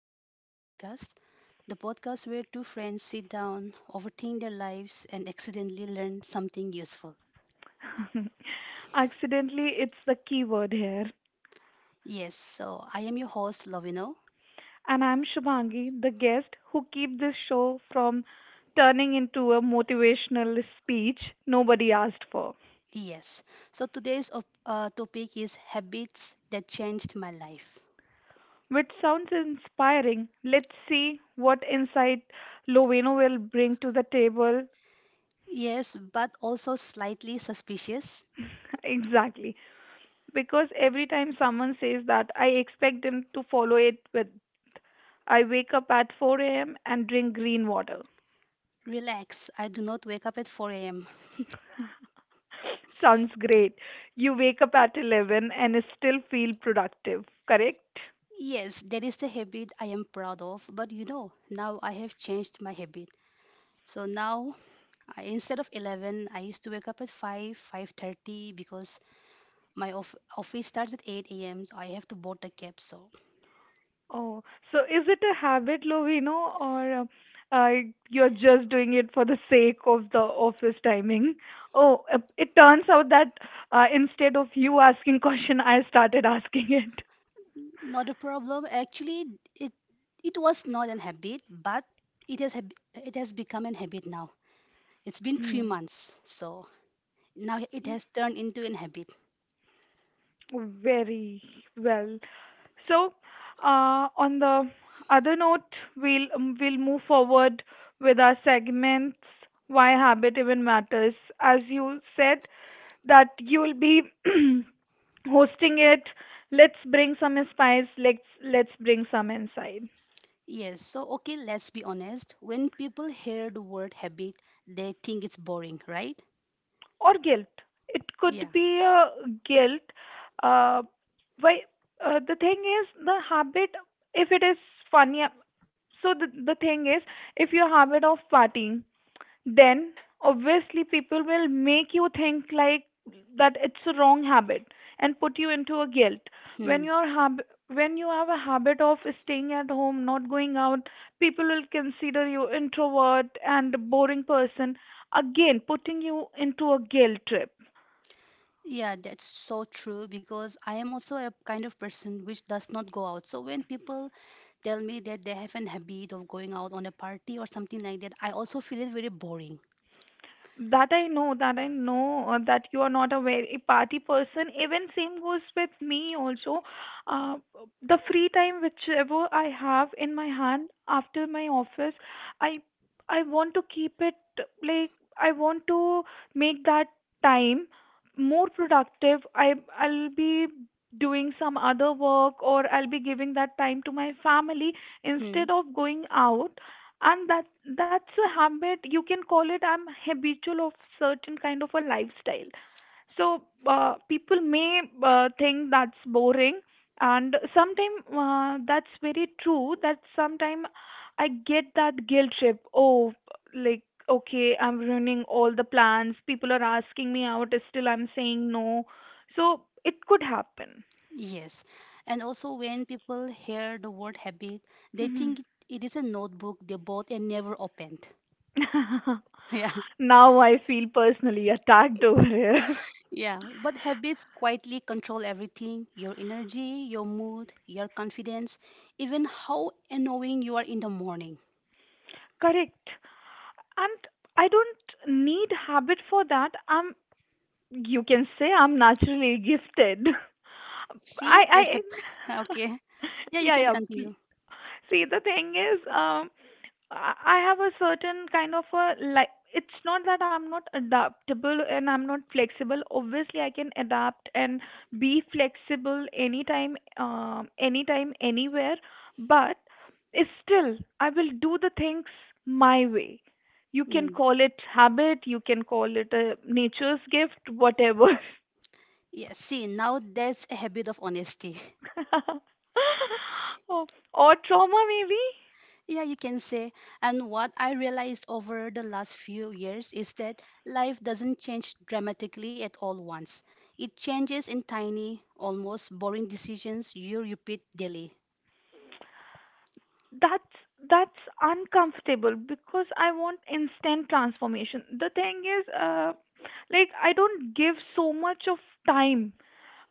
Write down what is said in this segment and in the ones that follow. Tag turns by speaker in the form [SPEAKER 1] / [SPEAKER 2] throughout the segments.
[SPEAKER 1] another podcast. The podcast where two friends sit down, overthink their lives, and accidentally learn something useful.
[SPEAKER 2] Accidentally, it's the key word here.
[SPEAKER 1] Yes, so I am your host Lovino.
[SPEAKER 2] And I'm Shubhangi, the guest who keep this show from turning into a motivational speech nobody asked for.
[SPEAKER 1] Yes, so today's topic is habits that changed my life.
[SPEAKER 2] Which sounds inspiring. Let's see what insight Loveno will bring to the table.
[SPEAKER 1] Yes, but also slightly suspicious.
[SPEAKER 2] Exactly. Because every time someone says that, I expect them to follow it with I wake up at 4 a.m. and drink green water.
[SPEAKER 1] Relax, I do not wake up at 4 a.m.
[SPEAKER 2] Sounds great. You wake up at 11 and still feel productive, correct?
[SPEAKER 1] Yes, that is the habit I am proud of, but now I have changed my habit. So now I, instead of 11, I used to wake up at 5, 5:30 because my office starts at 8 a.m. So I have to board a cab. So
[SPEAKER 2] Oh, so is it a habit, Lovino, or uh, you're just doing it for the sake of the office timing? Oh, it turns out that instead of you asking question, I started asking it.
[SPEAKER 1] not a problem. Actually, it it was not an habit, but it has become an habit now. It's been three
[SPEAKER 2] Mm,
[SPEAKER 1] months, so now it has turned into an habit.
[SPEAKER 2] very well. So, on the other note, we'll move forward with our segments. Why habit even matters? As you said that you'll be hosting it. Let's bring some spice. Let's bring some insight
[SPEAKER 1] Yes. So okay, let's be honest. When people hear the word habit, they think it's boring, right?
[SPEAKER 2] or guilt. It could
[SPEAKER 1] Yeah.
[SPEAKER 2] be a guilt. Uh, why? The thing is, the habit. If it is funny, so the thing is, if your habit of partying, then obviously people will make you think like that it's a wrong habit and put you into a guilt when
[SPEAKER 1] Hmm.
[SPEAKER 2] your hab when you have a habit of staying at home, not going out, people will consider you introvert and a boring person, again putting you into a guilt trip.
[SPEAKER 1] Yeah, that's so true because I am also a kind of person which does not go out. So when people tell me that they have an habit of going out on a party or something like that, I also feel it very boring.
[SPEAKER 2] That I know, that I know, that you are not a very party person. Even same goes with me also. Uh, the free time whichever I have in my hand after my office, I want to keep it, like, I want to make that time more productive. I'll be doing some other work or I'll be giving that time to my family
[SPEAKER 1] Hmm.
[SPEAKER 2] instead of going out, and that's a habit. You can call it, I'm habitual of certain kind of a lifestyle. So people may think that's boring, and sometimes that's very true, that sometimes I get that guilt trip. Oh, like, okay, I'm ruining all the plans, people are asking me out, still I'm saying no, so it could happen.
[SPEAKER 1] Yes. And also when people hear the word habit, they
[SPEAKER 2] Mhm.
[SPEAKER 1] think it is a notebook they bought and never opened. Yeah.
[SPEAKER 2] Now I feel personally attacked over here.
[SPEAKER 1] Yeah. But habits quietly control everything, your energy, your mood, your confidence, even how annoying you are in the morning.
[SPEAKER 2] Correct. And I don't need habit for that. You can say I'm naturally gifted. I,
[SPEAKER 1] See,
[SPEAKER 2] I,
[SPEAKER 1] okay. Yeah, you can
[SPEAKER 2] yeah, yeah.
[SPEAKER 1] continue.
[SPEAKER 2] See, the thing is, I have a certain kind of a, like, it's not that I'm not adaptable and I'm not flexible. Obviously, I can adapt and be flexible anytime, anytime, anywhere. But it's still, I will do the things my way. You can
[SPEAKER 1] Mm.
[SPEAKER 2] call it habit, you can call it a nature's gift, whatever.
[SPEAKER 1] Yeah, see, now that's a habit of honesty.
[SPEAKER 2] Oh, or trauma maybe.
[SPEAKER 1] Yeah, you can say. And what I realized over the last few years is that life doesn't change dramatically at all once. It changes in tiny, almost boring decisions you repeat daily.
[SPEAKER 2] that's that's uncomfortable because I want instant transformation. The thing is, like, I don't give so much of time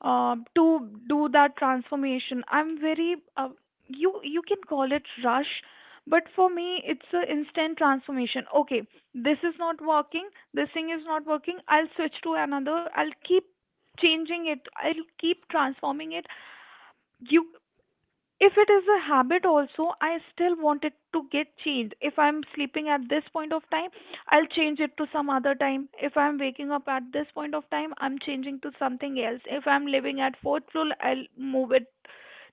[SPEAKER 2] to do that transformation. I'm very you can call it rush, but for me it's a instant transformation. Okay, this is not working, this thing is not working, I'll switch to another, I'll keep changing it, I'll keep transforming it. You, if it is a habit also, I still want it to get changed. If I'm sleeping at this point of time, I'll change it to some other time. If I'm waking up at this point of time, I'm changing to something else. If I'm living at fourth floor, I'll move it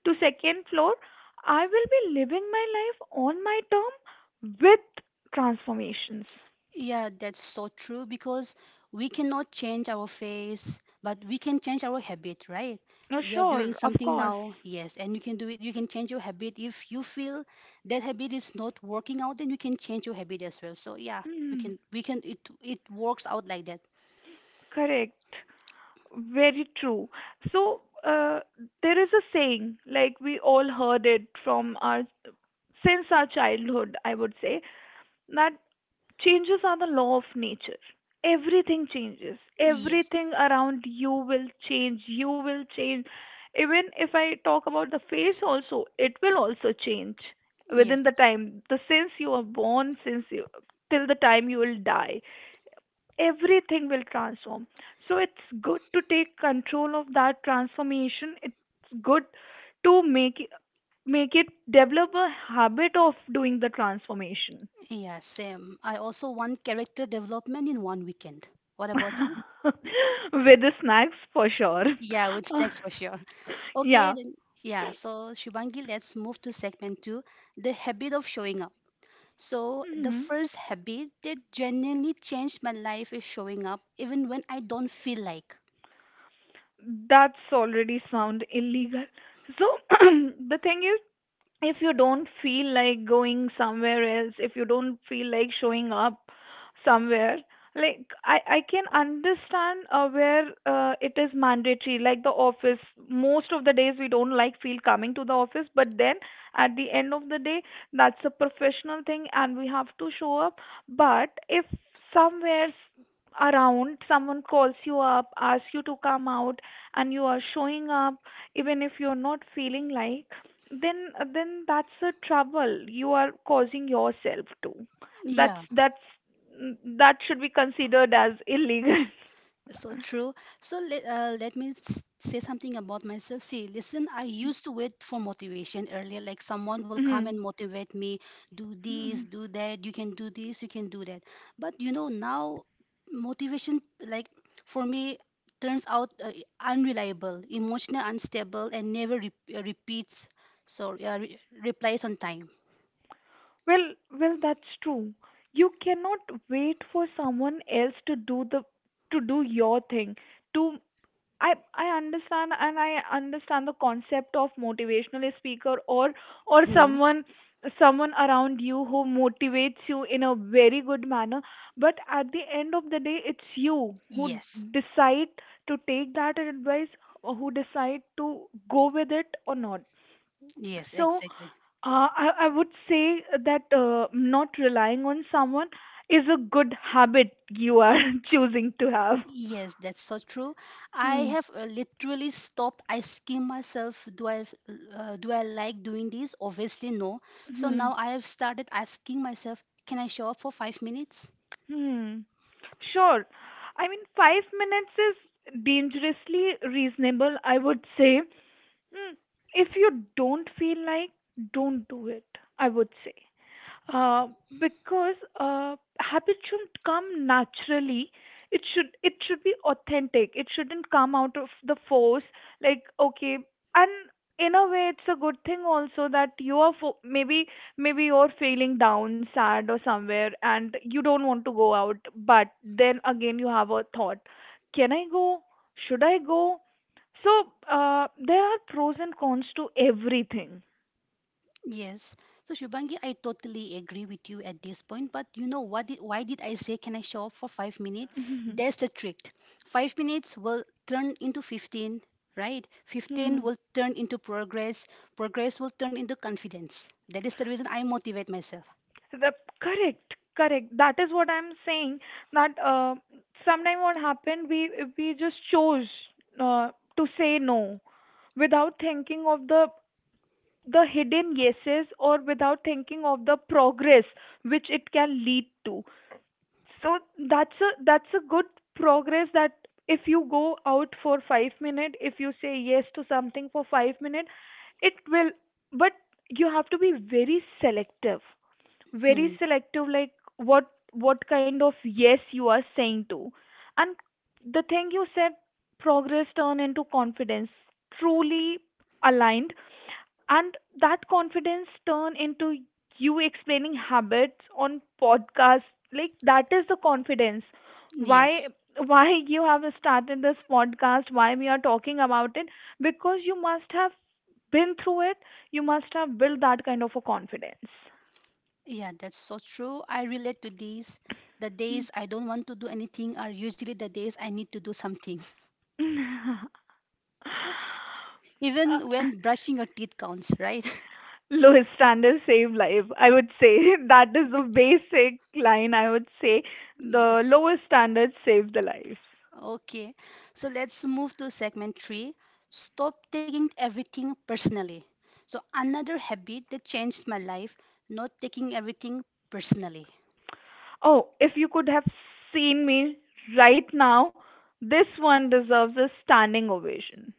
[SPEAKER 2] to second floor. I will be living my life on my term with transformations.
[SPEAKER 1] Yeah, that's so true because we cannot change our face, but we can change our habit, right?
[SPEAKER 2] No,
[SPEAKER 1] You're doing
[SPEAKER 2] sure, of
[SPEAKER 1] something now,
[SPEAKER 2] course.
[SPEAKER 1] yes, and you can do it. You can change your habit. If you feel that habit is not working out, then you can change your habit as well. So yeah, we
[SPEAKER 2] Mm,
[SPEAKER 1] can we can it works out like that.
[SPEAKER 2] correct. Very true. So there is a saying, like we all heard it from our since our childhood, I would say, that changes are the law of nature. Everything changes.
[SPEAKER 1] Yes.
[SPEAKER 2] Everything around you will change. You will change. Even if I talk about the face also, it will also change within the
[SPEAKER 1] Yes.
[SPEAKER 2] time, the since you are born, since you till the time you will die, everything will transform. So it's good to take control of that transformation. It's good to make it develop a habit of doing the transformation.
[SPEAKER 1] Yeah, same. I also want character development in one weekend. What about you?
[SPEAKER 2] With the snacks for sure.
[SPEAKER 1] Yeah, with snacks for sure.
[SPEAKER 2] Yeah.
[SPEAKER 1] Okay, then yeah. So Shivangi, let's move to segment two, the habit of showing up. So the
[SPEAKER 2] Mhm.
[SPEAKER 1] first habit that genuinely changed my life is showing up even when I don't feel like.
[SPEAKER 2] That's already sound illegal. So the thing is, if you don't feel like going somewhere else, if you don't feel like showing up somewhere, like, I can understand where it is mandatory, like the office. Most of the days we don't like feel coming to the office, but then at the end of the day, that's a professional thing and we have to show up. But if somewhere s- around someone calls you up, asks you to come out, and you are showing up even if you're not feeling like, then that's a trouble you are causing yourself to.
[SPEAKER 1] Yeah.
[SPEAKER 2] That's that should be considered as illegal.
[SPEAKER 1] So true. So let me say something about myself. See, listen, I used to wait for motivation earlier. Like someone will come
[SPEAKER 2] Mhm.
[SPEAKER 1] and motivate me, do this,
[SPEAKER 2] Mhm.
[SPEAKER 1] do that. You can do this, you can do that. But you know now, motivation like for me turns out unreliable, emotional, unstable, and never repeats. So replies on time.
[SPEAKER 2] Well, well, that's true. You cannot wait for someone else to do the to do your thing. To I understand and I understand the concept of motivational speaker or
[SPEAKER 1] Hmm.
[SPEAKER 2] someone, someone around you who motivates you in a very good manner, but at the end of the day it's you who
[SPEAKER 1] Yes.
[SPEAKER 2] decide to take that advice, or who decide to go with it or not.
[SPEAKER 1] Yes.
[SPEAKER 2] So
[SPEAKER 1] Exactly.
[SPEAKER 2] I would say that not relying on someone is a good habit you are choosing to have.
[SPEAKER 1] Yes, that's so true. I
[SPEAKER 2] Hmm.
[SPEAKER 1] have literally stopped asking myself, do I like doing this? Obviously, no. So
[SPEAKER 2] Hmm.
[SPEAKER 1] now I have started asking myself, can I show up for 5 minutes?
[SPEAKER 2] Hmm. Sure. I mean, 5 minutes is dangerously reasonable, I would say. Hmm. If you don't feel like, don't do it, I would say. Uh, because habit should come naturally. It should, it should be authentic. It shouldn't come out of the force. Like, okay, and in a way, it's a good thing also that maybe maybe you're feeling down, sad, or somewhere, and you don't want to go out. But then again, you have a thought: Can I go? Should I go? So there are pros and cons to everything.
[SPEAKER 1] Yes. So Shubangi, I totally agree with you at this point. But you know what? Why did I say can I show up for 5 minutes? That's the trick. 5 minutes will turn into 15, right? 15 will turn into progress. Progress will turn into confidence. That is the reason I motivate myself.
[SPEAKER 2] So the correct, correct. That is what I'm saying. That sometime what happened, we just chose uh, to say no without thinking of the hidden yeses, or without thinking of the progress which it can lead to. So that's a, that's a good progress, that if you go out for 5 minutes, if you say yes to something for 5 minutes, it will. But you have to be very selective,
[SPEAKER 1] Hmm.
[SPEAKER 2] very selective, like what kind of yes you are saying to. And the thing you said, progress turn into confidence, truly aligned, and that confidence turn into you explaining habits on podcast, like, that is the confidence. why
[SPEAKER 1] Yes,
[SPEAKER 2] why you have started this podcast, why we are talking about it, because you must have been through it, you must have built that kind of a confidence.
[SPEAKER 1] yeah, that's so true. I relate to this. The days I don't want to do anything are usually the days I need to do something, even when brushing your teeth counts, right?
[SPEAKER 2] Low standards save life, I would say. That is the basic line, I would say, the
[SPEAKER 1] Yes.
[SPEAKER 2] lowest standards save the lives.
[SPEAKER 1] Okay. So let's move to segment three. Stop taking everything personally. So another habit that changed my life, not taking everything personally.
[SPEAKER 2] Oh, if you could have seen me right now, this one deserves a standing ovation.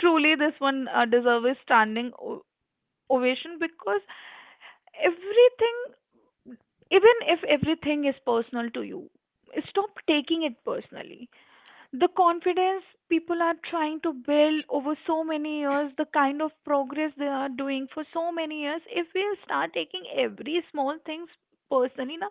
[SPEAKER 2] Truly, this one deserves a standing ovation, because everything, even if everything is personal to you, stop taking it personally. The confidence people are trying to build over so many years, the kind of progress they are doing for so many years, if we start taking every small things personally, na,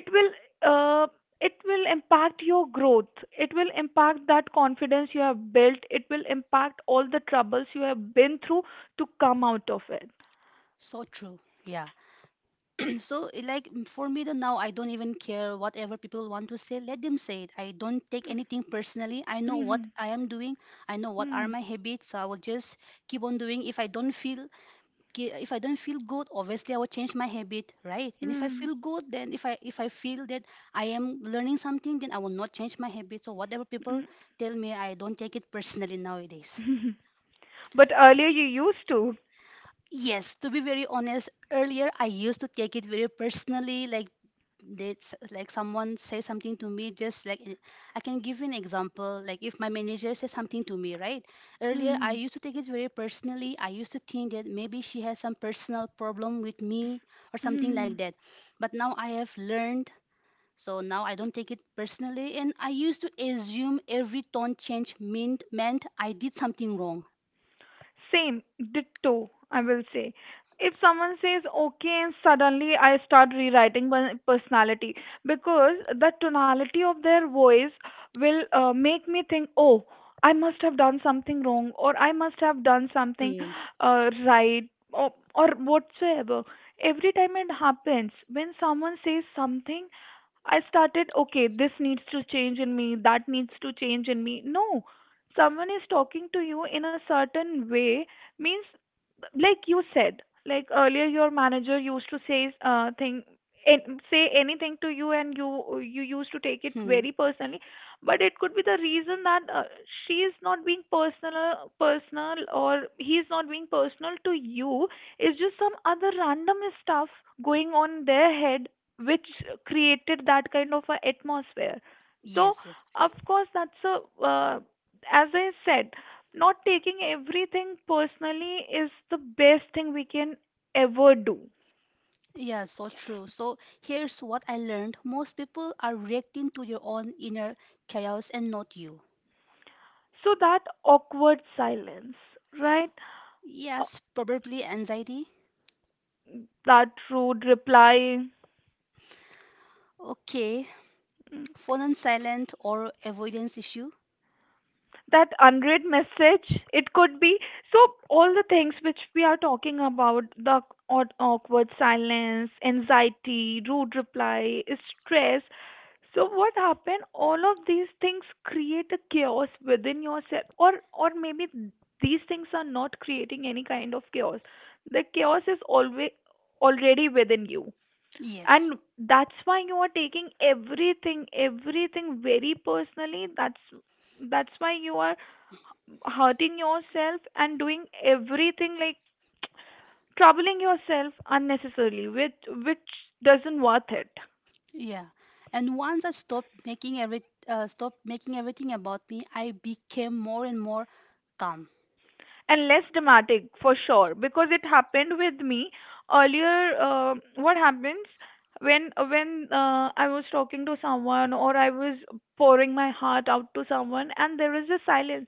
[SPEAKER 2] it will, uh, it will impact your growth. It will impact that confidence you have built. It will impact all the troubles you have been through to come out of it.
[SPEAKER 1] So true. Yeah. So it like, for me though, now I don't even care whatever people want to say. Let them say it, I don't take anything personally. I know what I am doing, I know what are
[SPEAKER 2] Hmm.
[SPEAKER 1] my habits, so I will just keep on doing. If I don't feel good, obviously I will change my habit, right? And if I
[SPEAKER 2] Hmm.
[SPEAKER 1] feel good, then if I feel that I am learning something, then I will not change my habit. So whatever people
[SPEAKER 2] Hmm.
[SPEAKER 1] tell me, I don't take it personally nowadays.
[SPEAKER 2] Hmm. But earlier you used to.
[SPEAKER 1] Yes, to be very honest, earlier I used to take it very personally. Like, that's like someone say something to me, just like I can give you an example. Like if my manager says something to me, right, earlier I
[SPEAKER 2] Hmm.
[SPEAKER 1] used to take it very personally. I used to think that maybe she has some personal problem with me or something like
[SPEAKER 2] Hmm.
[SPEAKER 1] that. But now I have learned. So now I don't take it personally, and I used to assume every tone change meant I did something wrong.
[SPEAKER 2] Same, ditto, I will say. If someone says okay and suddenly I start rewriting my personality because the tonality of their voice will make me think, oh, I must have done something wrong or I must have done something
[SPEAKER 1] Mm.
[SPEAKER 2] right, or whatsoever. Every time it happens, when someone says something, I started, okay, this needs to change in me, that needs to change in me. No, someone is talking to you in a certain way means, like you said, like earlier your manager used to say say anything to you, and you used to take it
[SPEAKER 1] Hmm.
[SPEAKER 2] very personally. But it could be the reason that she is not being personal, personal, or he is not being personal to you. It's just some other random stuff going on in their head which created that kind of a atmosphere. So
[SPEAKER 1] Yes, yes.
[SPEAKER 2] of course that's a, uh, as I said, not taking everything personally is the best thing we can ever do.
[SPEAKER 1] Yeah, so true. So here's what I learned. Most people are reacting to your own inner chaos and not you.
[SPEAKER 2] So that awkward silence, right? Uh,
[SPEAKER 1] Yes, probably anxiety.
[SPEAKER 2] that rude reply,
[SPEAKER 1] Okay. Phone and silent or avoidance issue.
[SPEAKER 2] that unread message, it could be. So all the things which we are talking about, the awkward silence, anxiety, rude reply, stress. So what happened, all of these things create a chaos within yourself, or maybe these things are not creating any kind of chaos. The chaos is always already within you,
[SPEAKER 1] Yes.
[SPEAKER 2] and that's why you are taking everything very personally, that's why you are hurting yourself and doing everything, like troubling yourself unnecessarily, which doesn't worth it.
[SPEAKER 1] Yeah. And once I stopped making everything about me, I became more and more calm.
[SPEAKER 2] And less dramatic for sure, because it happened with me earlier. What happens, when I was talking to someone or I was pouring my heart out to someone and there is a silence,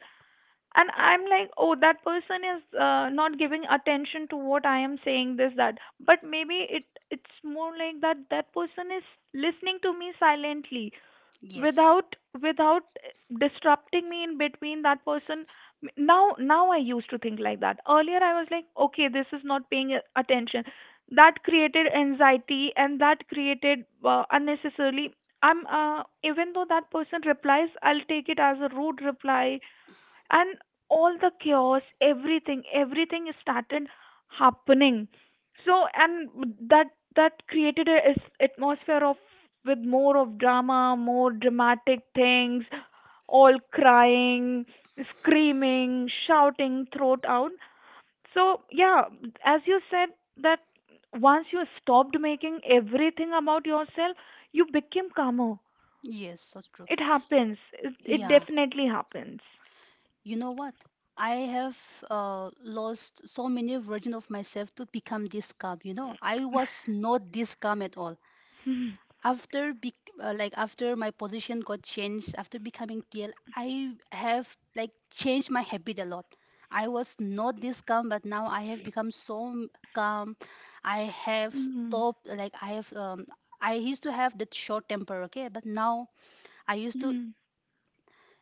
[SPEAKER 2] and I'm like, oh, that person is not giving attention to what I am saying, this, that. But maybe it's more like that that person is listening to me silently,
[SPEAKER 1] Yes.
[SPEAKER 2] without without disrupting me in between, that person. Now I used to think like that. Earlier I was like, okay, this is not paying attention. That created anxiety, and that created, unnecessarily, I'm even though that person replies, I'll take it as a rude reply. And all the chaos, everything started happening. So and that that created a atmosphere of with more of drama, more dramatic things, all crying, screaming, shouting throat out. So yeah, as you said, that once you stopped making everything about yourself, you became calmer.
[SPEAKER 1] Yes, so true.
[SPEAKER 2] It happens, it
[SPEAKER 1] Yeah.
[SPEAKER 2] definitely happens.
[SPEAKER 1] You know what? I have lost so many versions of myself to become this calm. You know, I was not this calm at all. After bec like after my position got changed, after becoming TL, I have like changed my habit a lot. I was not this calm, but now I have become calm. I have
[SPEAKER 2] Mhm.
[SPEAKER 1] stopped. Like I used to have that short temper, okay, but now I used to
[SPEAKER 2] Hmm.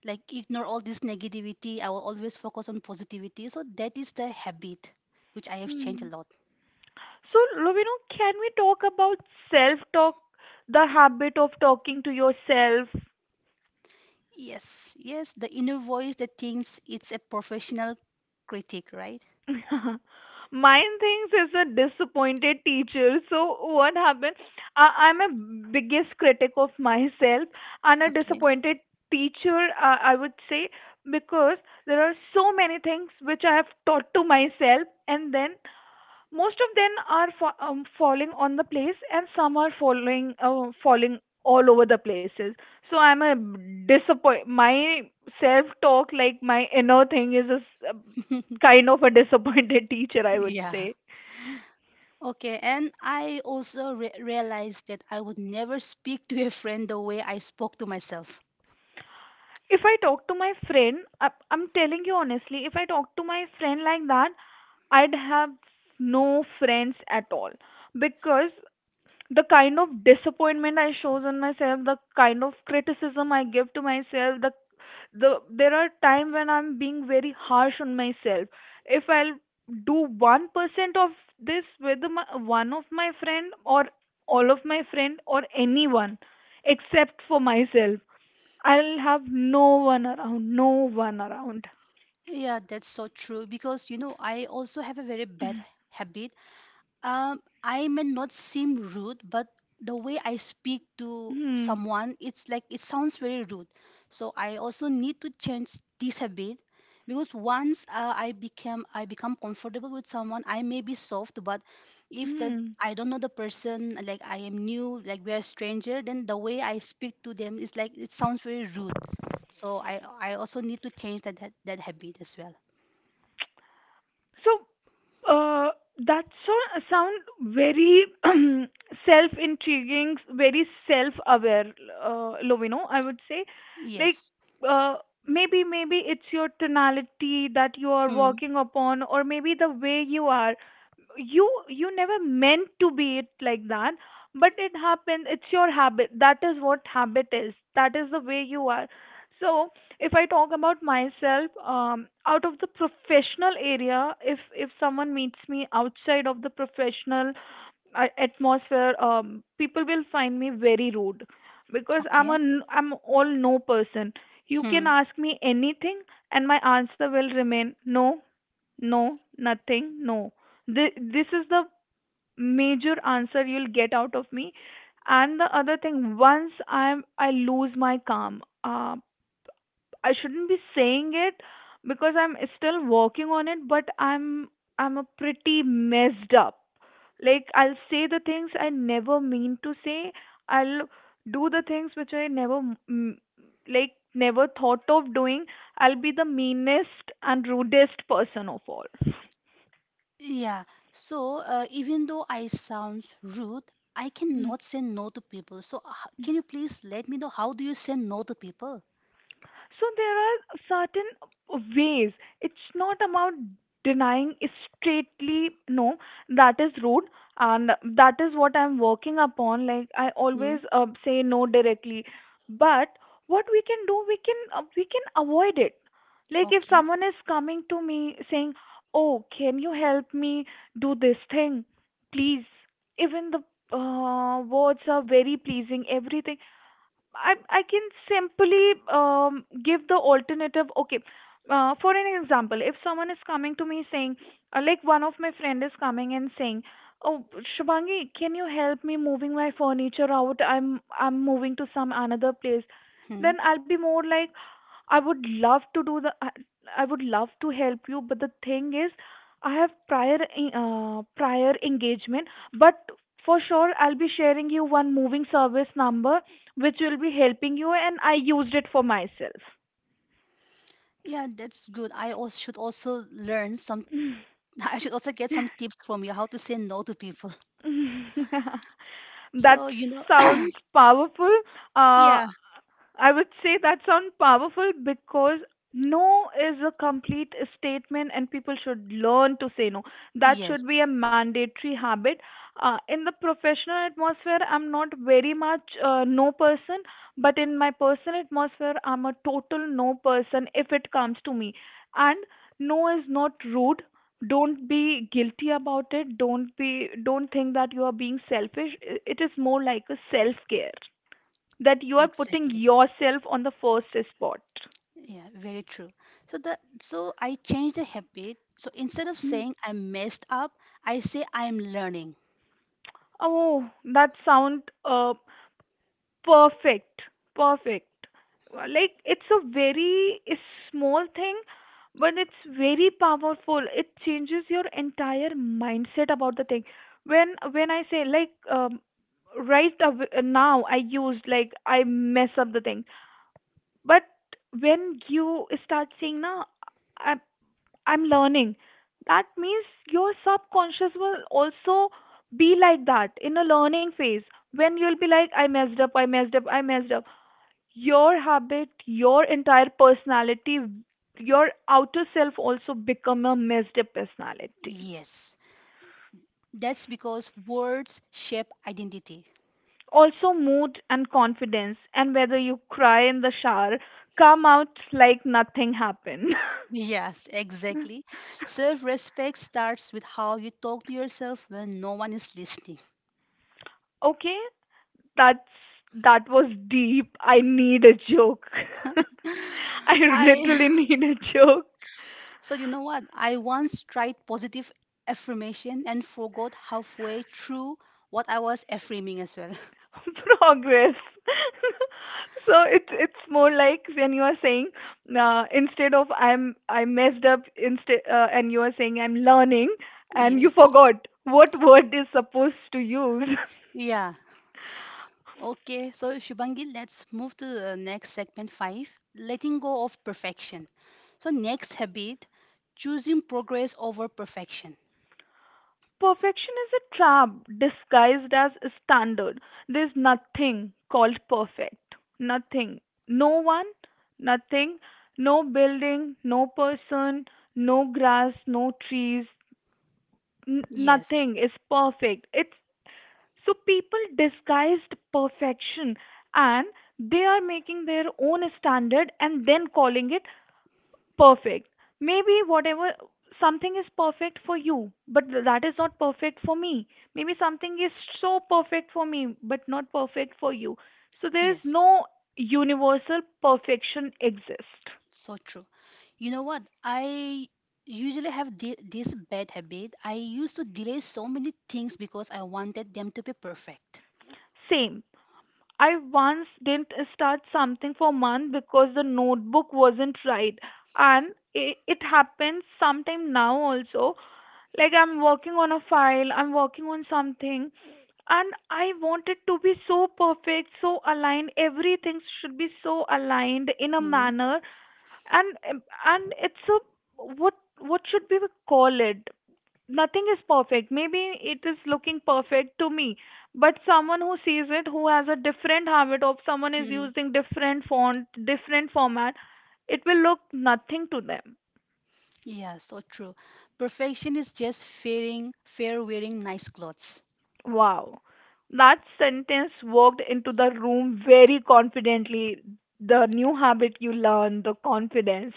[SPEAKER 1] like ignore all this negativity. I will always focus on positivity. So that is the habit which I have changed a
[SPEAKER 2] Hmm.
[SPEAKER 1] lot.
[SPEAKER 2] So, Lovino, can we talk about self talk, the habit of talking to yourself?
[SPEAKER 1] Yes, yes, the inner voice that thinks it's a professional critic, right?
[SPEAKER 2] Mine thinks is a disappointed teacher. So, what happened? I'm a biggest critic of myself and a
[SPEAKER 1] Okay.
[SPEAKER 2] disappointed teacher, I would say, because there are so many things which I have taught to myself, and then most of them are fa falling on the place and some are following falling all over the places. So I'm a disappoint. My self talk, like my inner thing, is a a kind of a disappointed teacher, I would say.
[SPEAKER 1] Yeah. Okay, and I also realized that I would never speak to a friend the way I spoke to myself.
[SPEAKER 2] If I talk to my friend, I'm telling you honestly, if I talk to my friend like that, I'd have no friends at all, because the kind of disappointment I shows on myself, the kind of criticism I give to myself, the there are times when I'm being very harsh on myself. If I'll do 1% of this with my, one of my friend, or all of my friend, or anyone, except for myself, I'll have no one around, no one around.
[SPEAKER 1] Yeah, that's so true because I also have a very bad habit. I may not seem rude, but the way I speak to
[SPEAKER 2] Hmm.
[SPEAKER 1] someone, it's like it sounds very rude. So I also need to change this habit because once I become comfortable with someone, I may be soft, but if the
[SPEAKER 2] Hmm.
[SPEAKER 1] I don't know the person, like I am new, like we are stranger, then the way I speak to them is like it sounds very rude. So I also need to change that habit as well.
[SPEAKER 2] So, uh, that sound very self-intriguing, very self-aware, Lovino. I would say, like,
[SPEAKER 1] Yes.
[SPEAKER 2] uh, maybe it's your tonality that you are
[SPEAKER 1] Hmm.
[SPEAKER 2] working upon, or maybe the way you are. You never meant to be it like that, but it happened. It's your habit. That is what habit is. That is the way you are. So if I talk about myself, out of the professional area, if someone meets me outside of the professional atmosphere, people will find me very rude, because
[SPEAKER 1] Okay.
[SPEAKER 2] I'm all no person. You
[SPEAKER 1] Hmm.
[SPEAKER 2] can ask me anything, and my answer will remain no, no, nothing, no. This is the major answer you'll get out of me. And the other thing, once I lose my calm, I shouldn't be saying it because I'm still working on it, but I'm a pretty messed up. Like I'll say the things I never mean to say. I'll do the things which I never, mm, like never thought of doing. I'll be the meanest and rudest person of all.
[SPEAKER 1] Yeah, so even though I sound rude, I
[SPEAKER 2] Hmm.
[SPEAKER 1] cannot say no to people. So can you please let me know how do you say no to people?
[SPEAKER 2] So there are certain ways. It's not about denying straightly no, that is rude, and that is what I'm working upon. Like I always
[SPEAKER 1] Hmm.
[SPEAKER 2] say no directly. But what we can do, we can avoid it. Like if
[SPEAKER 1] Okay.
[SPEAKER 2] someone is coming to me saying, oh, can you help me do this thing, please, even the words are very pleasing, everything, I can simply, give the alternative. Okay, for an example, if someone is coming to me saying, like one of my friend is coming and saying, "Oh, Shubhangi, can you help me moving my furniture out? I'm moving to some another place."
[SPEAKER 1] Hmm.
[SPEAKER 2] Then I'll be more like, "I would love to do the. I would love to help you, but the thing is, I have prior engagement, but." For sure, I'll be sharing you one moving service number which will be helping you, and I used it for myself.
[SPEAKER 1] Yeah, that's good. I also should also learn some. I should also get some tips from you how to say no to people.
[SPEAKER 2] That
[SPEAKER 1] So you know,
[SPEAKER 2] sounds powerful. uh,
[SPEAKER 1] yeah,
[SPEAKER 2] I would say that sounds powerful because no is a complete statement and people should learn to say no. That
[SPEAKER 1] yes,
[SPEAKER 2] should be a mandatory habit. In the professional atmosphere, I'm not very much no person, but in my personal atmosphere, I'm a total no person if it comes to me. And no is not rude. Don't be guilty about it. Don't think that you are being selfish. It is more like a self-care that you are putting
[SPEAKER 1] exactly.
[SPEAKER 2] yourself on the first spot.
[SPEAKER 1] Yeah, very true. So I changed the habit. So instead of
[SPEAKER 2] Hmm.
[SPEAKER 1] saying I messed up, I say I'm learning.
[SPEAKER 2] Oh, that sound perfect, perfect. Like it's a very small thing, but it's very powerful. It changes your entire mindset about the thing. When I say like, right away, now, I used like I mess up the thing, but when you start saying, "No, I, I'm learning. That means your subconscious will also be like that in a learning phase when you'll be like, I messed up, I messed up, I messed up. Your habit, your entire personality, your outer self also become a messed up personality.
[SPEAKER 1] Yes. That's because words shape identity.
[SPEAKER 2] Also, mood and confidence, and whether you cry in the shower, come out like nothing happened.
[SPEAKER 1] Yes, exactly. Self respect starts with how you talk to yourself when no one is listening.
[SPEAKER 2] Okay. That's that was deep. I need a joke. I
[SPEAKER 1] I,
[SPEAKER 2] literally need a joke.
[SPEAKER 1] so you know what? I once tried positive affirmation and forgot halfway through what I was affirming as well.
[SPEAKER 2] Progress. So it's more like when you are saying, instead of I messed up, instead, and you are saying I'm learning, and you
[SPEAKER 1] Yes.
[SPEAKER 2] forgot what word is supposed to use.
[SPEAKER 1] Yeah. Okay. So, Shubangi, let's move to the next segment five, letting go of perfection. So, next habit, choosing progress over perfection.
[SPEAKER 2] Perfection is a trap disguised as a standard. There's nothing called perfect. Nothing. No one, nothing. No building, no person, no grass, no trees.
[SPEAKER 1] Yes,
[SPEAKER 2] Nothing is perfect. It's so people disguised perfection, and they are making their own standard and then calling it perfect. Maybe whatever something is perfect for you, but that is not perfect for me. Maybe something is so perfect for me, but not perfect for you. So there is
[SPEAKER 1] yes,
[SPEAKER 2] no universal perfection exists.
[SPEAKER 1] so true. You know what? I usually have this bad habit. I used to delay so many things because I wanted them to be perfect.
[SPEAKER 2] Same. I once didn't start something for month because the notebook wasn't right, and it happens sometime now also. Like I'm working on a file, I'm working on something, and I want it to be so perfect, so aligned. Everything should be so aligned in a manner, and and it's a, what should we call it? Nothing is perfect. Maybe it is looking perfect to me, but someone who sees it, who has a different habit of someone is
[SPEAKER 1] Mm-hmm.
[SPEAKER 2] using different font, different format, it will look nothing to them.
[SPEAKER 1] Yeah, so true. Perfection is just fearing, fear wearing nice clothes.
[SPEAKER 2] Wow. That sentence walked into the room very confidently. The new habit you learn, the confidence.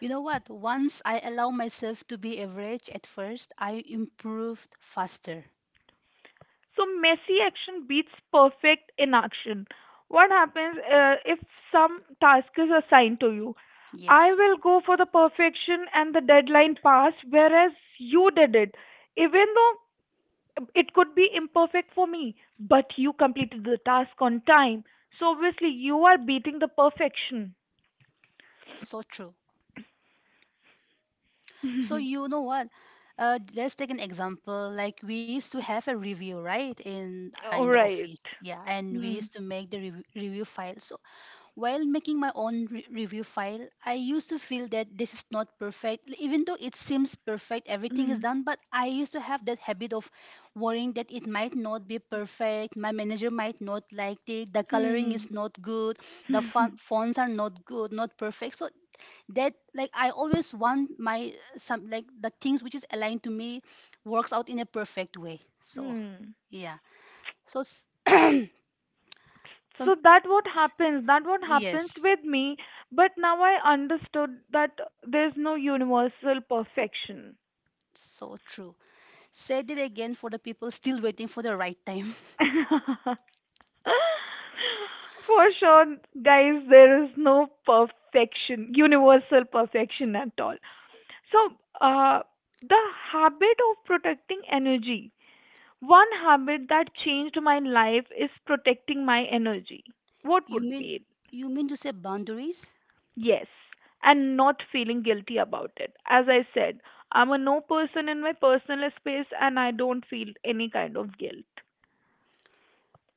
[SPEAKER 1] You know what? Once I allow myself to be average at first, I improved faster.
[SPEAKER 2] So messy action beats perfect inaction. What happens if some task is assigned to you? I
[SPEAKER 1] Yes,
[SPEAKER 2] will go for the perfection and the deadline pass, whereas you did it. Even though it could be imperfect for me, but you completed the task on time. So obviously you are beating the perfection.
[SPEAKER 1] so true. So you know what? Let's take an example. Like we used to have a review, right, in uh,
[SPEAKER 2] All
[SPEAKER 1] in the
[SPEAKER 2] right.
[SPEAKER 1] office. Yeah, and we
[SPEAKER 2] Hmm.
[SPEAKER 1] used to make the review file. So while making my own review file, I used to feel that this is not perfect, even though it seems perfect, everything is
[SPEAKER 2] Hmm.
[SPEAKER 1] done. But I used to have that habit of worrying that it might not be perfect. My manager might not like it. The coloring
[SPEAKER 2] Hmm.
[SPEAKER 1] is not good. The fonts are not good, not perfect. So that, like, I always want my some, like, the things which is aligned to me works out in a perfect way, so
[SPEAKER 2] Hmm.
[SPEAKER 1] yeah. So so
[SPEAKER 2] So that what happens
[SPEAKER 1] yes,
[SPEAKER 2] with me, but now I understood that there's no universal perfection.
[SPEAKER 1] so true. Said it again for the people still waiting for the right time.
[SPEAKER 2] For sure, guys, there is no perfection universal perfection at all. So uh, the habit of protecting energy. One habit that changed my life is protecting my energy. What
[SPEAKER 1] you
[SPEAKER 2] would
[SPEAKER 1] mean
[SPEAKER 2] be it?
[SPEAKER 1] you mean to say boundaries?
[SPEAKER 2] Yes, and not feeling guilty about it. As I said, I'm a no person in my personal space and I don't feel any kind of guilt.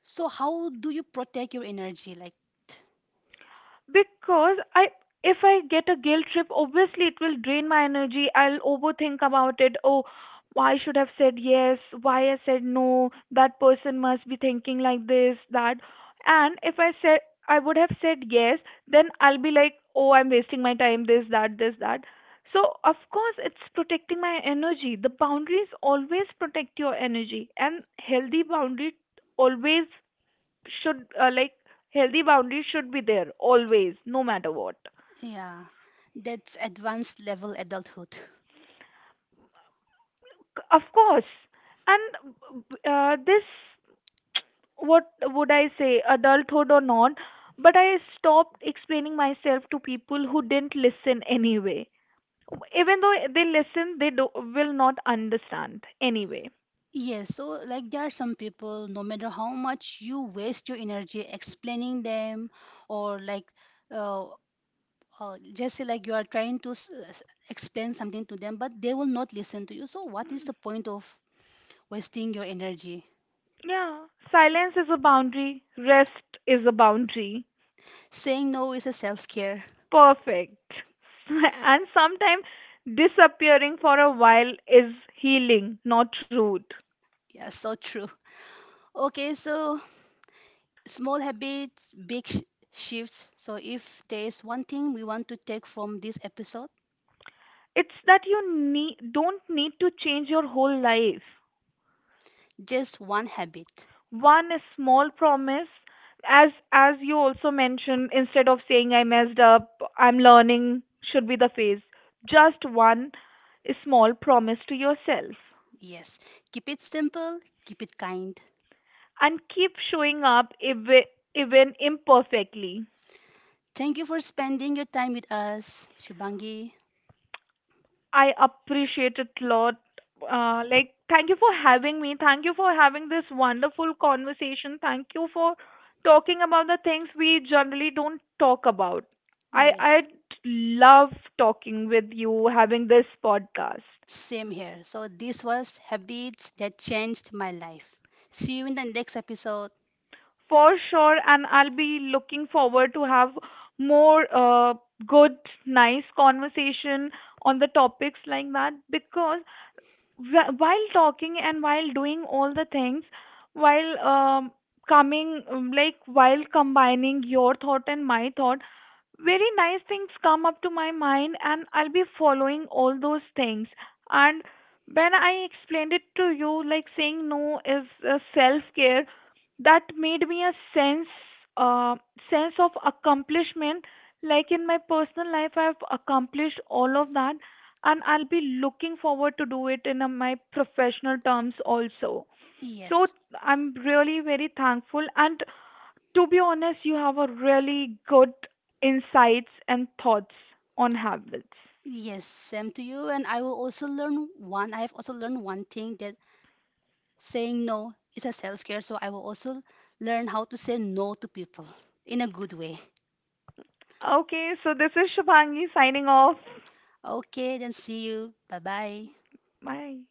[SPEAKER 1] So how do you protect your energy, like?
[SPEAKER 2] Because I if I get a guilt trip, obviously it will drain my energy. I'll overthink about it. Oh, why should I have said yes, why I said no, that person must be thinking like this, that. And if I said, I would have said yes. Then I'll be like, oh, I'm wasting my time, this, that, this, that. So of course it's protecting my energy. The boundaries always protect your energy, and always should uh, like healthy boundaries should be there always no matter what.
[SPEAKER 1] Yeah, that's advanced level adulthood.
[SPEAKER 2] Of course. And this, what would I say, adulthood or not, but I stopped explaining myself to people who didn't listen anyway. Even though they listen, will not understand anyway.
[SPEAKER 1] Yes, so like there are some people, no matter how much you waste your energy explaining them, or like uh, just say like you are trying to explain something to them, but they will not listen to you. So, what is the point of wasting your energy?
[SPEAKER 2] Yeah, silence is a boundary. Rest is a boundary.
[SPEAKER 1] Saying no is a self care.
[SPEAKER 2] Perfect. And sometimes disappearing for a while is healing, not rude.
[SPEAKER 1] Yeah, so true. Okay, so small habits, big shifts. So, if there is one thing we want to take from this episode,
[SPEAKER 2] It's that you don't need to change your whole life.
[SPEAKER 1] just one habit.
[SPEAKER 2] One small promise, as you also mentioned, instead of saying I messed up, I'm learning, should be the phase. Just one small promise to yourself,
[SPEAKER 1] Yes, keep it simple, keep it kind.
[SPEAKER 2] and keep showing up even imperfectly.
[SPEAKER 1] Thank you for spending your time with us, Shubangi.
[SPEAKER 2] I appreciate it a lot. Like, thank you for having me. Thank you for having this wonderful conversation. Thank you for talking about the things we generally don't talk about. I
[SPEAKER 1] Yes.
[SPEAKER 2] I love talking with you, having this podcast.
[SPEAKER 1] Same here. So, this was Habits That Changed My Life. See you in the next episode.
[SPEAKER 2] For sure, and I'll be looking forward to have more good, nice conversation on the topics like that, because while talking and while doing all the things, while coming, like while combining your thought and my thought, very nice things come up to my mind, and I'll be following all those things. And when I explained it to you, like saying no is self-care, that made me a sense, uh, sense of accomplishment. Like in my personal life, I've accomplished all of that, and I'll be looking forward to do it in my professional terms also. So
[SPEAKER 1] Yes.
[SPEAKER 2] I'm really very thankful, and to be honest, you have a really good insights and thoughts on habits.
[SPEAKER 1] Yes, same to you. And I will also learn one. I have also learned one thing, that saying no is a self care. So, I will also learn how to say no to people in a good way.
[SPEAKER 2] Okay, so this is Shubhangi signing off.
[SPEAKER 1] Okay, then see you. Bye bye.
[SPEAKER 2] Bye.